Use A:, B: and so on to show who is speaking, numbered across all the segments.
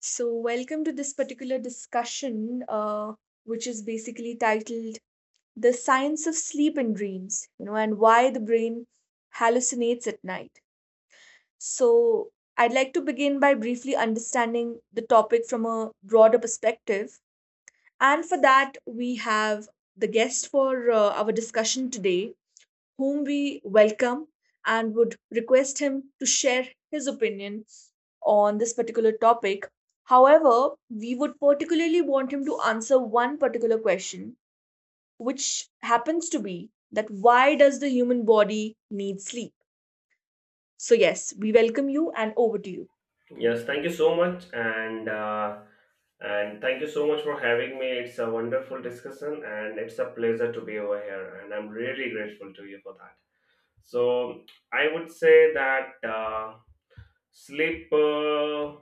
A: So, welcome to this particular discussion, which is basically titled The Science of Sleep and Dreams, you know, and why the brain hallucinates at night. So, I'd like to begin by briefly understanding the topic from a broader perspective. And for that, we have the guest for our discussion today, whom we welcome and would request him to share his opinion on this particular topic. However, we would particularly want him to answer one particular question, which happens to be that why does the human body need sleep? So, yes, we welcome you and over to you.
B: Yes, thank you so much, and thank you so much for having me. It's a wonderful discussion, and it's a pleasure to be over here, and I'm really grateful to you for that. So I would say that sleep,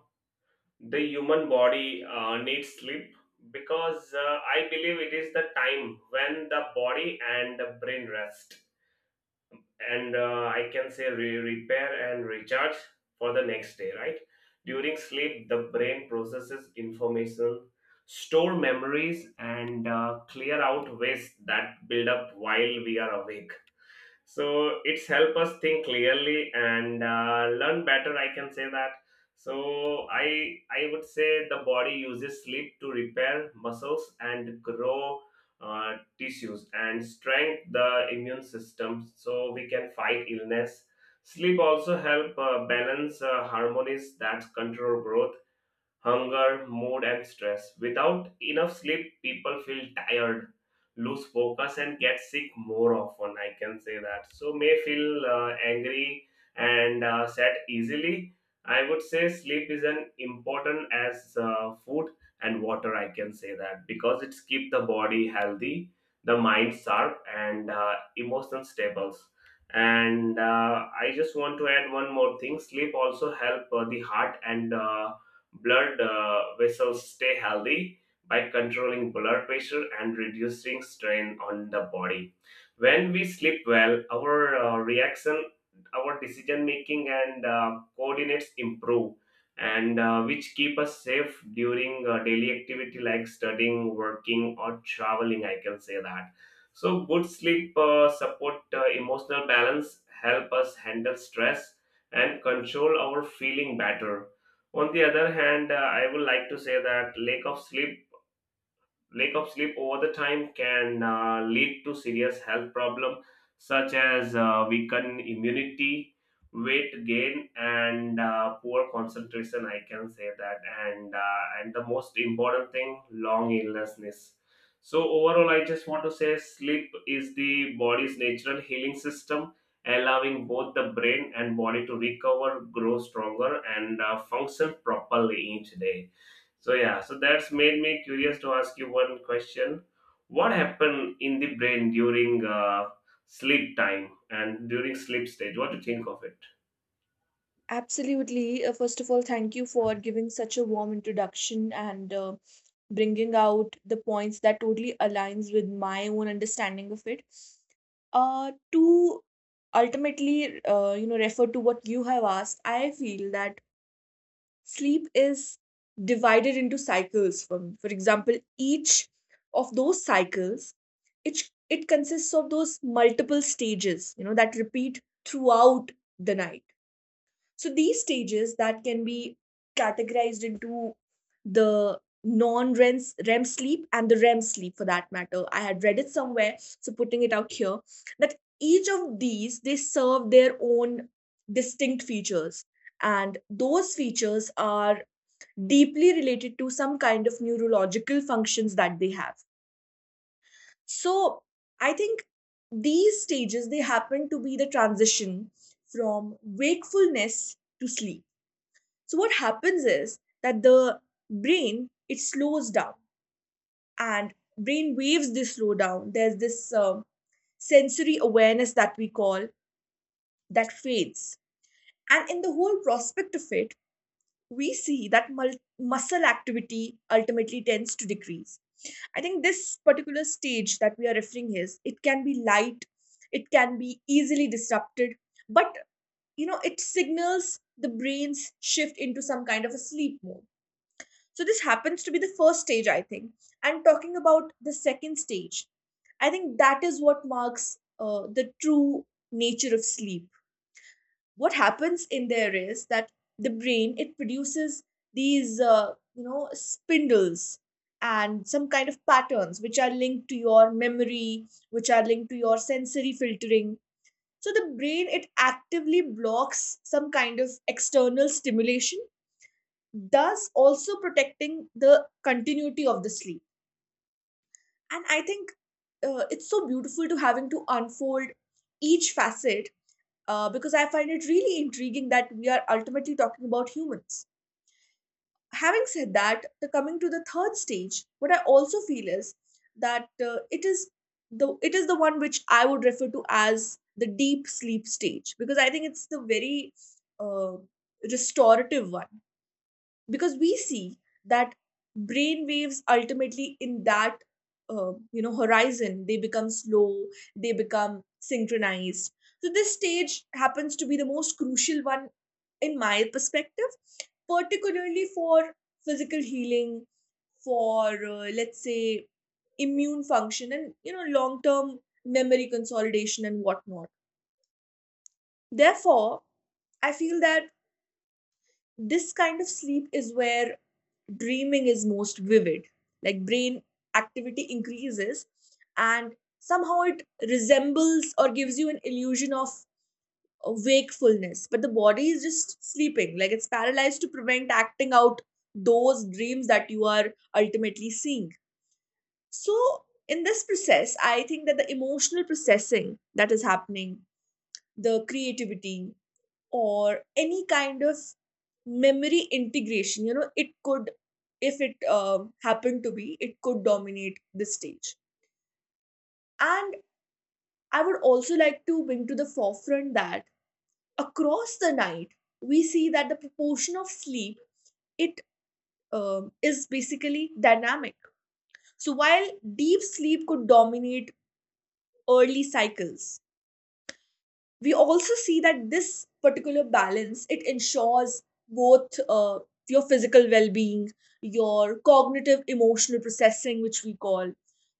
B: the human body needs sleep because I believe it is the time when the body and the brain rest and I can say repair and recharge for the next day, right? During sleep, the brain processes information, store memories, and clear out waste that build up while we are awake, so it's help us think clearly and learn better, I can say that. So I would say the body uses sleep to repair muscles and grow tissues and strengthen the immune system so we can fight illness. Sleep also help balance harmonies that control growth, hunger, mood, and stress. Without enough sleep, people feel tired, lose focus, and get sick more often. I can say that. So, may feel angry and sad easily. I would say sleep is an important as food and water. I can say that because it's keep the body healthy, the mind sharp, and emotions stable. And I just want to add one more thing. Sleep also help the heart and blood vessels stay healthy by controlling blood pressure and reducing strain on the body. When we sleep well, our reaction, our decision making, and coordinates improve, and which keep us safe during daily activity like studying, working, or traveling. I can say that. So, good sleep support emotional balance, help us handle stress, and control our feeling better. On the other hand, I would like to say that lack of sleep over the time can lead to serious health problems such as weakened immunity, weight gain, and poor concentration, I can say that. And the most important thing, long illnessness. So overall, I just want to say sleep is the body's natural healing system, allowing both the brain and body to recover, grow stronger, and function properly each day. So yeah, so that's made me curious to ask you one question. What happened in the brain during sleep time and during sleep stage? What do you think of it?
A: Absolutely. First of all, thank you for giving such a warm introduction and bringing out the points that totally aligns with my own understanding of it. To ultimately, you know, refer to what you have asked, I feel that sleep is divided into cycles. For example, each of those cycles, it it consists of those multiple stages, you know, that repeat throughout the night. So these stages that can be categorized into the non-REM REM sleep and the REM sleep for that matter. I had read it somewhere, so putting it out here that each of these they serve their own distinct features, and those features are deeply related to some kind of neurological functions that they have. So I think these stages they happen to be the transition from wakefulness to sleep. So what happens is that the brain it slows down and brain waves they slow down. There's this sensory awareness that we call that fades, and in the whole prospect of it, we see that muscle activity ultimately tends to decrease. I think this particular stage that we are referring is it can be light, it can be easily disrupted, but you know it signals the brain's shift into some kind of a sleep mode. So this happens to be the first stage, I think. And talking about the second stage, I think that is what marks the true nature of sleep. What happens in there is that the brain it produces these you know spindles and some kind of patterns which are linked to your memory, which are linked to your sensory filtering. So the brain it actively blocks some kind of external stimulation, thus also protecting the continuity of the sleep. And I think it's so beautiful to having to unfold each facet, because I find it really intriguing that we are ultimately talking about humans. Having said that, the coming to the third stage, what I also feel is that it is the one which I would refer to as the deep sleep stage, because I think it's the very uh, restorative one, because we see that brain waves ultimately in that you know horizon they become slow, they become synchronized. So this stage happens to be the most crucial one in my perspective, particularly for physical healing, for let's say immune function and you know long term memory consolidation and whatnot. Therefore I feel that this kind of sleep is where dreaming is most vivid, like brain activity increases, and somehow it resembles or gives you an illusion of wakefulness, but the body is just sleeping like it's paralyzed to prevent acting out those dreams that you are ultimately seeing. So in this process I think that the emotional processing that is happening, the creativity or any kind of memory integration, you know it could, if it happened to be, it could dominate the stage. And I would also like to bring to the forefront that across the night we see that the proportion of sleep it is basically dynamic. So while deep sleep could dominate early cycles, we also see that this particular balance it ensures both your physical well-being, your cognitive emotional processing, which we call.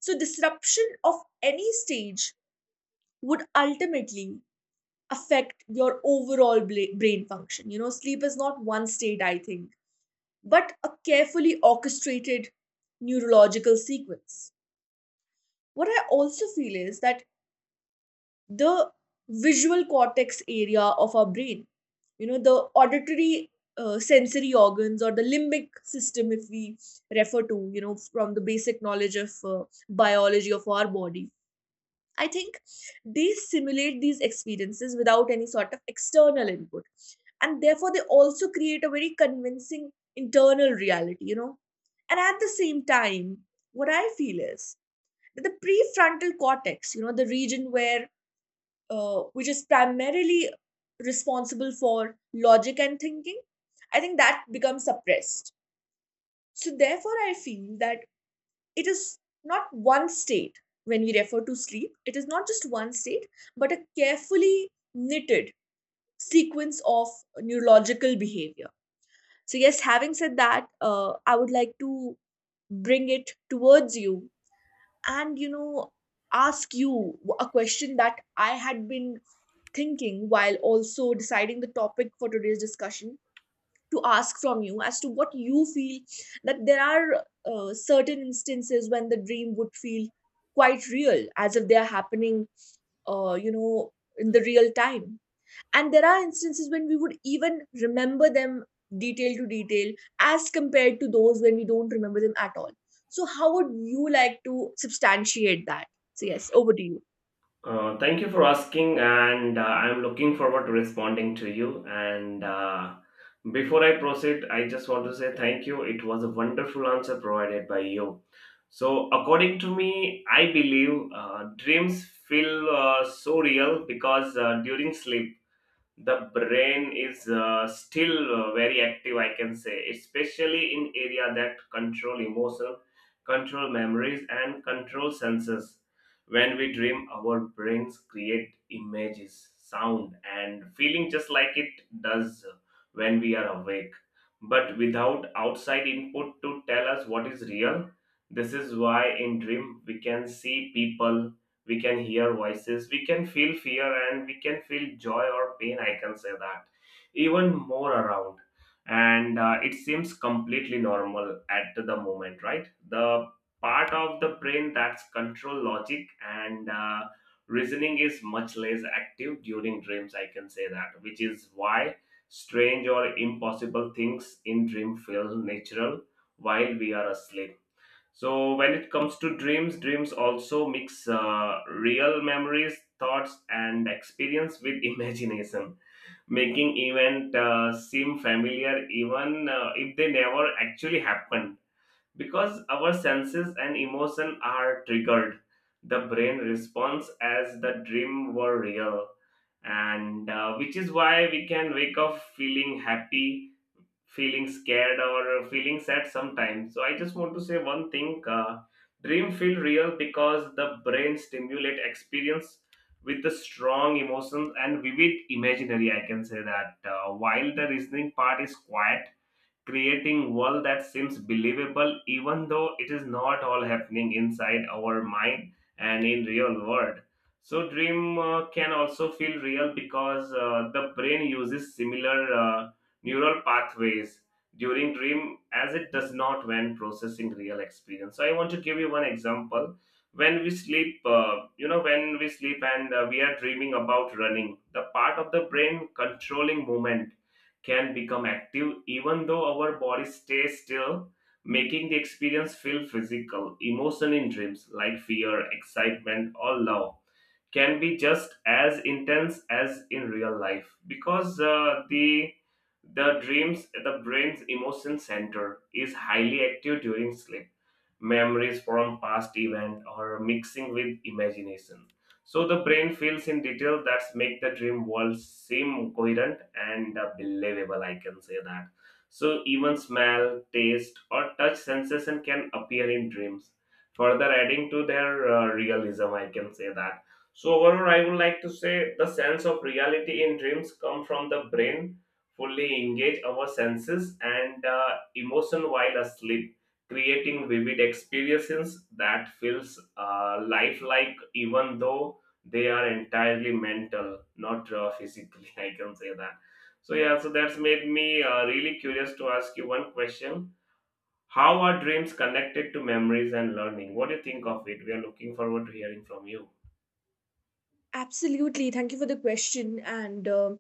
A: So disruption of any stage would ultimately affect your overall brain function. You know sleep is not one state, I think, but a carefully orchestrated neurological sequence. What I also feel is that the visual cortex area of our brain, you know the auditory sensory organs or the limbic system, if we refer to you know from the basic knowledge of biology of our body, I think they simulate these experiences without any sort of external input, and therefore they also create a very convincing internal reality, you know. And at the same time, what I feel is that the prefrontal cortex, you know the region where which is primarily responsible for logic and thinking, I think that becomes suppressed. So, therefore, I feel that it is not one state. When we refer to sleep, it is not just one state, but a carefully knitted sequence of neurological behavior. So, yes, having said that, I would like to bring it towards you and you know ask you a question that I had been thinking while also deciding the topic for today's discussion, to ask from you as to what you feel that there are certain instances when the dream would feel quite real as if they are happening, you know, in the real time, and there are instances when we would even remember them detail to detail as compared to those when we don't remember them at all. So how would you like to substantiate that? So yes, over to you.
B: Thank you for asking, and I'm looking forward to responding to you. And Before I proceed, I just want to say thank you. It was a wonderful answer provided by you. So, according to me, I believe dreams feel so real because during sleep the brain is still very active, I can say, especially in area that control emotion, control memories, and control senses. When we dream, our brains create images, sound, and feeling just like it does when we are awake, but without outside input to tell us what is real. This is why in dream we can see people, we can hear voices, we can feel fear, and we can feel joy or pain, I can say that. Even more around, and it seems completely normal at the moment, right? The part of the brain that's control logic and reasoning is much less active during dreams, I can say that, which is why strange or impossible things in dream feel natural while we are asleep. So when it comes to dreams, dreams also mix real memories, thoughts, and experience with imagination, making event seem familiar even if they never actually happened. Because our senses and emotion are triggered, the brain responds as the dream were real, and which is why we can wake up feeling happy, feeling scared, or feeling sad sometimes. So I just want to say one thing: dream feel real because the brain stimulate experience with the strong emotions and vivid imaginary. I can say that while the reasoning part is quiet, creating world that seems believable even though it is not all happening inside our mind and in real world. So dream can also feel real because the brain uses similar uh, neural pathways during dream as it does not when processing real experience. So I want to give you one example. When we sleep, when we sleep and we are dreaming about running, the part of the brain controlling movement can become active even though our body stays still, making the experience feel physical. Emotion in dreams like fear, excitement, or love can be just as intense as in real life because the dreams, the brain's emotion center is highly active during sleep. Memories from past event or mixing with imagination, so the brain feels in detail that make the dream world seem coherent and believable, I can say that. So even smell, taste, or touch sensation can appear in dreams, further adding to their realism, I can say that. So overall, I would like to say the sense of reality in dreams come from the brain, fully engage our senses and emotion while asleep, creating vivid experiences that feels lifelike, even though they are entirely mental, not physically. I can say that. So yeah, so that's made me really curious to ask you one question. How are dreams connected to memories and learning? What do you think of it? We are looking forward to hearing from you.
A: Absolutely, thank you for the question. And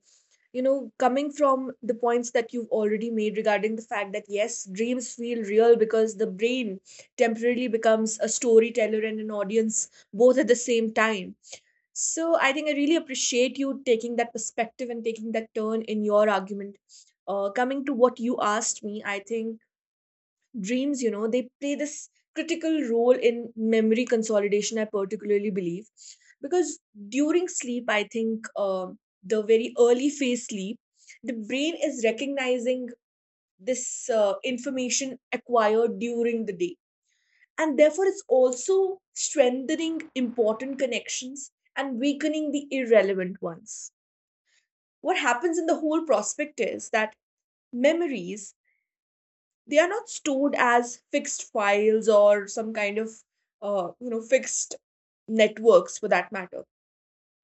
A: you know, coming from the points that you've already made regarding the fact that yes, dreams feel real because the brain temporarily becomes a storyteller and an audience both at the same time. So I think I really appreciate you taking that perspective and taking that turn in your argument. Coming to what you asked me, I think dreams, you know, they play this critical role in memory consolidation, I particularly believe. Because during sleep, I think the very early phase sleep, the brain is recognizing this information acquired during the day, and therefore it's also strengthening important connections and weakening the irrelevant ones. What happens in the whole prospect is that memories, they are not stored as fixed files or some kind of you know fixed networks for that matter.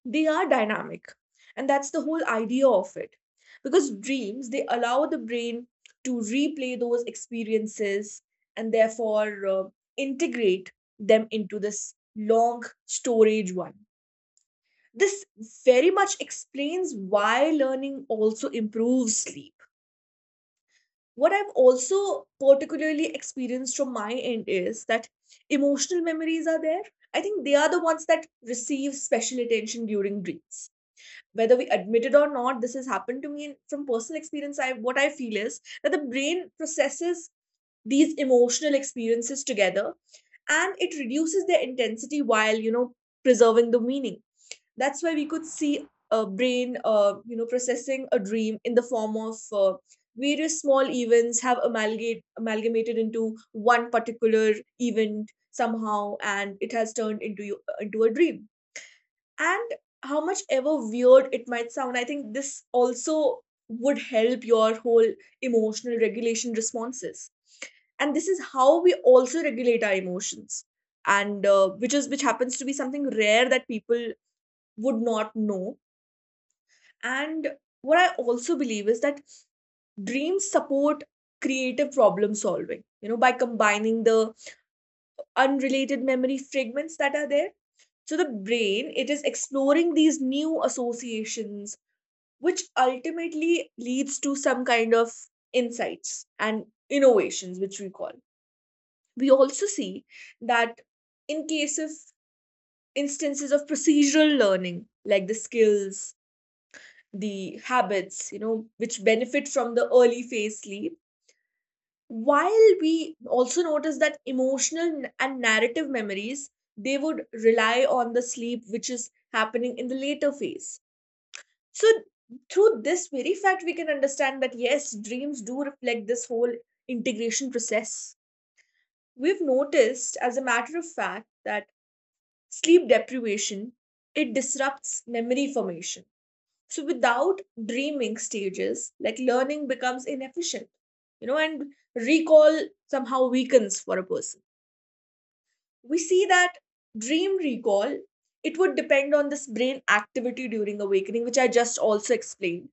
A: They are dynamic, and that's the whole idea of it, because dreams they allow the brain to replay those experiences and therefore integrate them into this long storage one. This very much explains why learning also improves sleep. What I've also particularly experienced from my end is that emotional memories are there. I think they are the ones that receive special attention during dreams, whether we admit it or not. This has happened to me, and from personal experience I what I feel is that the brain processes these emotional experiences together, and it reduces their intensity while you know preserving the meaning. That's why we could see a brain you know processing a dream in the form of various small events have amalgamated into one particular event somehow, and it has turned into into a dream. And how much ever weird it might sound, I think this also would help your whole emotional regulation responses. And this is how we also regulate our emotions, and which is which happens to be something rare that people would not know. And what I also believe is that dreams support creative problem solving, you know, by combining the unrelated memory fragments that are there. So the brain, it is exploring these new associations, which ultimately leads to some kind of insights and innovations, which we call. We also see that in case of instances of procedural learning, like the skills, the habits, you know, which benefit from the early phase sleep, while we also notice that emotional and narrative memories they would rely on the sleep which is happening in the later phase. So, through this very fact, we can understand that yes, dreams do reflect this whole integration process. We've noticed, as a matter of fact, that sleep deprivation it disrupts memory formation. So, without dreaming stages, like learning becomes inefficient, you know, and recall somehow weakens for a person. We see that dream recall it would depend on this brain activity during awakening, which I just also explained.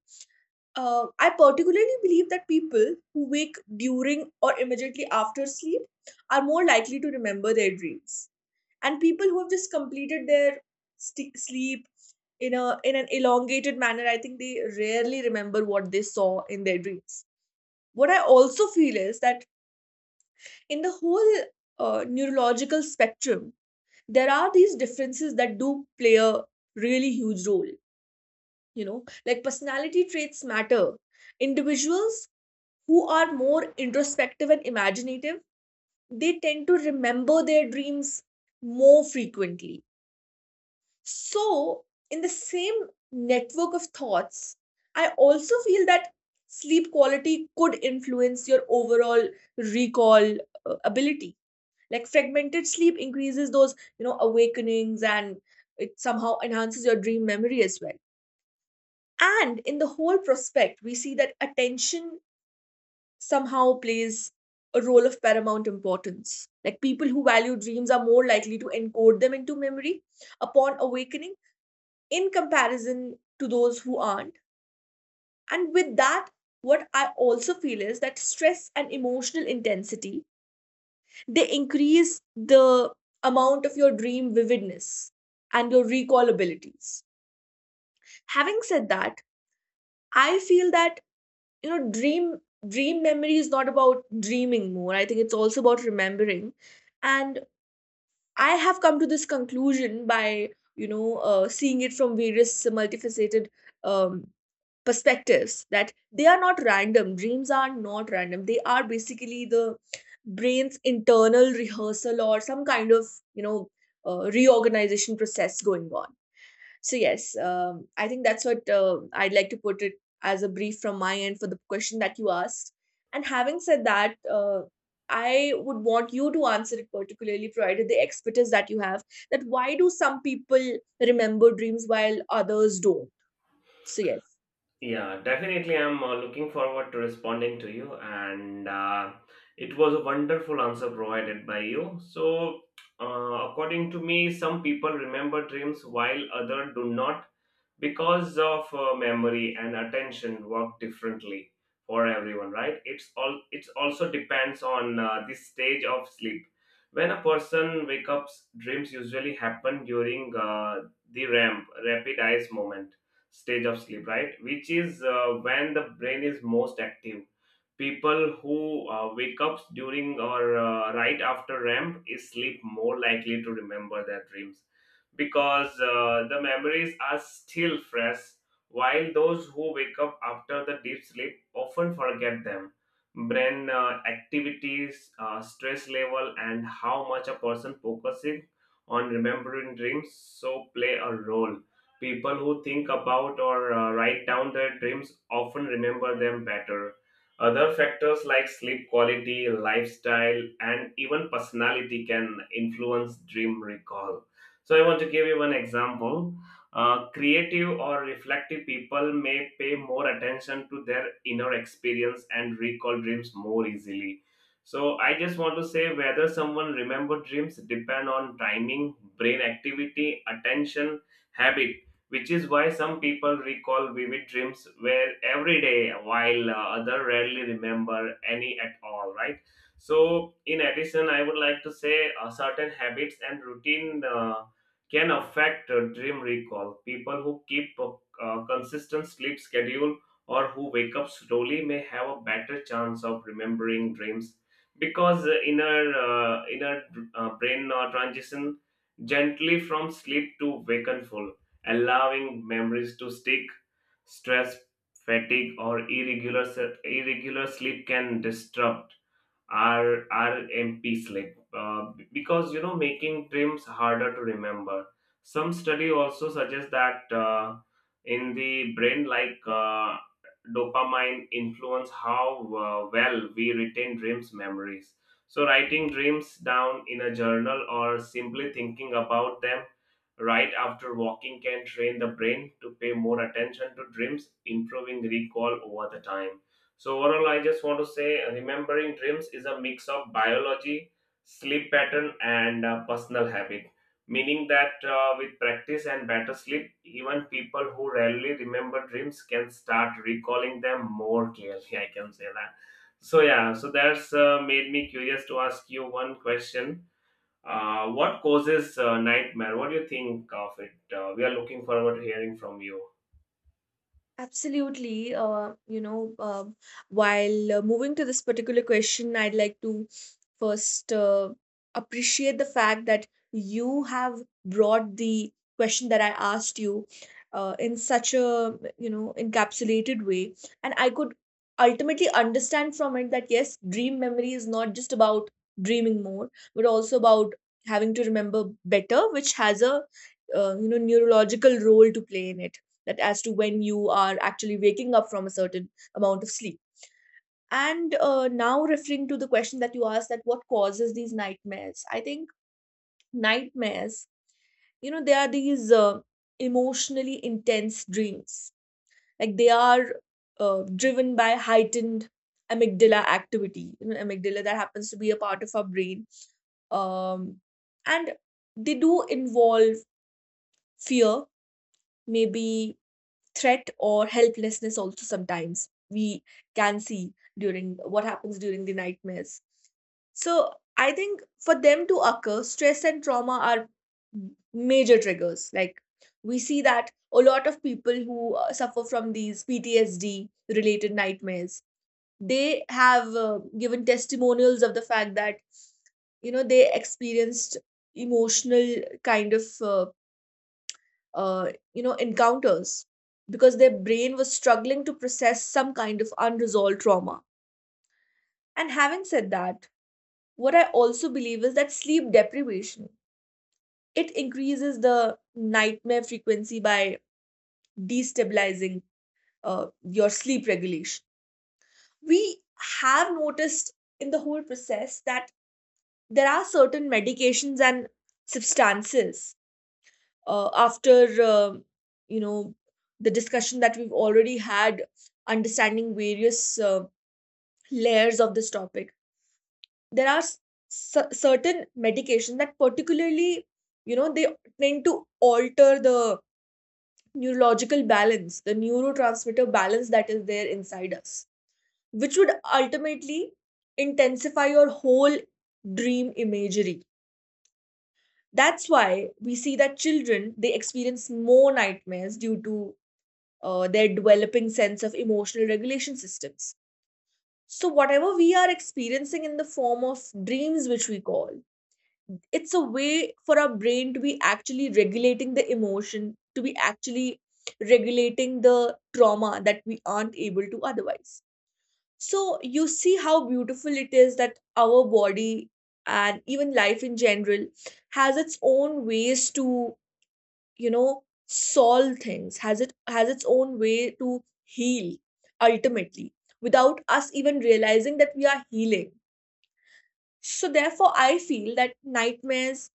A: I particularly believe that people who wake during or immediately after sleep are more likely to remember their dreams, and people who have just completed their sleep in a in an elongated manner, I think they rarely remember what they saw in their dreams. What I also feel is that in the whole neurological spectrum, there are these differences that do play a really huge role. You know, like personality traits matter. Individuals who are more introspective and imaginative, they tend to remember their dreams more frequently. So, in the same network of thoughts, I also feel that sleep quality could influence your overall recall ability. Like fragmented sleep increases those, awakenings and it somehow enhances your dream memory as well. And in the whole prospect, we see that attention somehow plays a role of paramount importance. Like people who value dreams are more likely to encode them into memory upon awakening in comparison to those who aren't. And with that, what I also feel is that stress and emotional intensity they increase the amount of your dream vividness and your recall abilities. Having said that, I feel that you know dream dream memory is not about dreaming more. I think it's also about remembering, and I have come to this conclusion by seeing it from various multifaceted um, perspectives that they are not random dreams are not random. They are basically the brain's internal rehearsal or some kind of you know reorganization process going on. So yes, I think that's what I'd like to put it as a brief from my end for the question that you asked. And having said that, I would want you to answer it particularly, provided the expertise that you have. That why do some people remember dreams while others don't? So yes.
B: Yeah, definitely. I'm looking forward to responding to you, and it was a wonderful answer provided by you. So, according to me, some people remember dreams while others do not because of memory and attention work differently for everyone, right? It also depends on the stage of sleep when a person wakes up. Dreams usually happen during the ramp rapid eyes moment stage of sleep, right, which is when the brain is most active. People who wake up during or right after REM is sleep more likely to remember their dreams because the memories are still fresh, while those who wake up after the deep sleep often forget them. Brain activities, stress level, and how much a person focusing on remembering dreams so play a role. People who think about or write down their dreams often remember them better. Other factors like sleep quality, lifestyle, and even personality can influence dream recall. So, I want to give you one example. Creative or reflective people may pay more attention to their inner experience and recall dreams more easily. So, I just want to say whether someone remember dreams depend on timing, brain activity, attention, habit, which is why some people recall vivid dreams where every day while other rarely remember any at all, right? So in addition, I would like to say certain habits and routine can affect dream recall. People who keep a consistent sleep schedule or who wake up slowly may have a better chance of remembering dreams because inner brain transition gently from sleep to wakeful, allowing memories to stick. Stress, fatigue, or irregular sleep can disrupt R RMP slip, because you know making trims harder to remember. Some study also suggests that in the brain, like dopamine, influence how well we retain dreams memories. So writing dreams down in a journal or simply thinking about them right after walking can train the brain to pay more attention to dreams, improving recall over the time. So, overall, I just want to say remembering dreams is a mix of biology, sleep pattern, and personal habit. Meaning that with practice and better sleep, even people who rarely remember dreams can start recalling them more clearly. I can say that. So, yeah, so that's made me curious to ask you one question. What causes nightmare? What do you think of it? We are looking forward to hearing from you.
A: Absolutely. While moving to this particular question, I'd like to first appreciate the fact that you have brought the question that I asked you in such a, you know, encapsulated way. And I could ultimately understand from it that yes, dream memory is not just about dreaming more, but also about having to remember better, which has a, you know, neurological role to play in it, that as to when you are actually waking up from a certain amount of sleep. And now referring to the question that you asked, that what causes these nightmares, I think nightmares, you know, they are these emotionally intense dreams. Like they are driven by heightened amygdala activity. You know, amygdala that happens to be a part of our brain. um, and they do involve fear, maybe threat or helplessness also, sometimes we can see during, what happens during the nightmares. So I think for them to occur, stress and trauma are major triggers. Like we see that a lot of people who suffer from these PTSD related nightmares, they have given testimonials of the fact that you know they experienced emotional kind of uh, you know encounters because their brain was struggling to process some kind of unresolved trauma. And having said that, what I also believe is that sleep deprivation, it increases the nightmare frequency by destabilizing uh, your sleep regulation. We have noticed in the whole process that there are certain medications and substances. After you know the discussion that we've already had understanding various layers of this topic, there are certain medications that particularly, you know, they tend to alter the neurological balance, the neurotransmitter balance that is there inside us, which would ultimately intensify your whole dream imagery. That's why we see that children, they experience more nightmares due to their developing sense of emotional regulation systems. So, whatever we are experiencing in the form of dreams, which we call, it's a way for our brain to be actually regulating the emotion, to be actually regulating the trauma that we aren't able to otherwise. So, you see how beautiful it is that our body and even life in general has its own ways to, you know, solve things, has its own way to heal, ultimately, without us even realizing that we are healing. So therefore I feel that nightmares,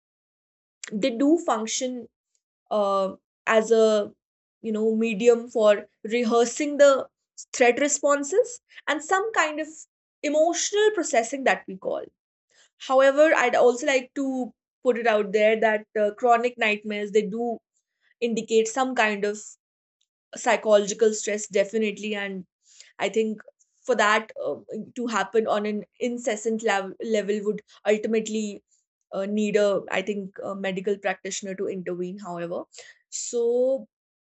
A: they do function uh, as a, you know, medium for rehearsing the threat responses and some kind of emotional processing that we call. However, I'd also like to put it out there that chronic nightmares, they do indicate some kind of psychological stress, definitely. And I think for that to happen on an incessant level would ultimately need a, I think, a medical practitioner to intervene, however. So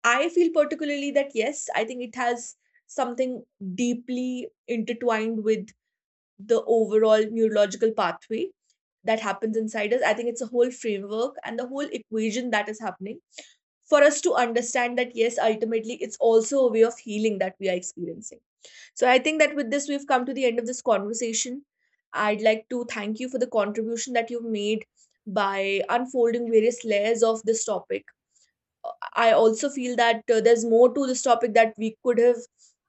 A: I feel particularly that yes, I think it has something deeply intertwined with the overall neurological pathway that happens inside us. I think it's a whole framework and the whole equation that is happening for us to understand that, yes, ultimately it's also a way of healing that we are experiencing. So I think that with this, we've come to the end of this conversation. I'd like to thank you for the contribution that you've made by unfolding various layers of this topic. I also feel that there's more to this topic that we could have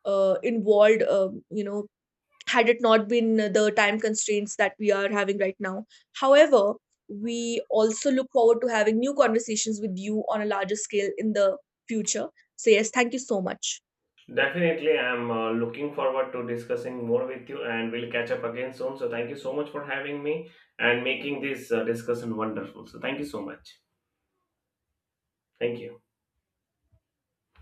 A: involved, you know, had it not been the time constraints that we are having right now. However, we also look forward to having new conversations with you on a larger scale in the future. So, yes, thank you so much.
B: Definitely, I'm looking forward to discussing more with you, and we'll catch up again soon. So, thank you so much for having me and making this discussion wonderful. So, thank you so much. Thank you.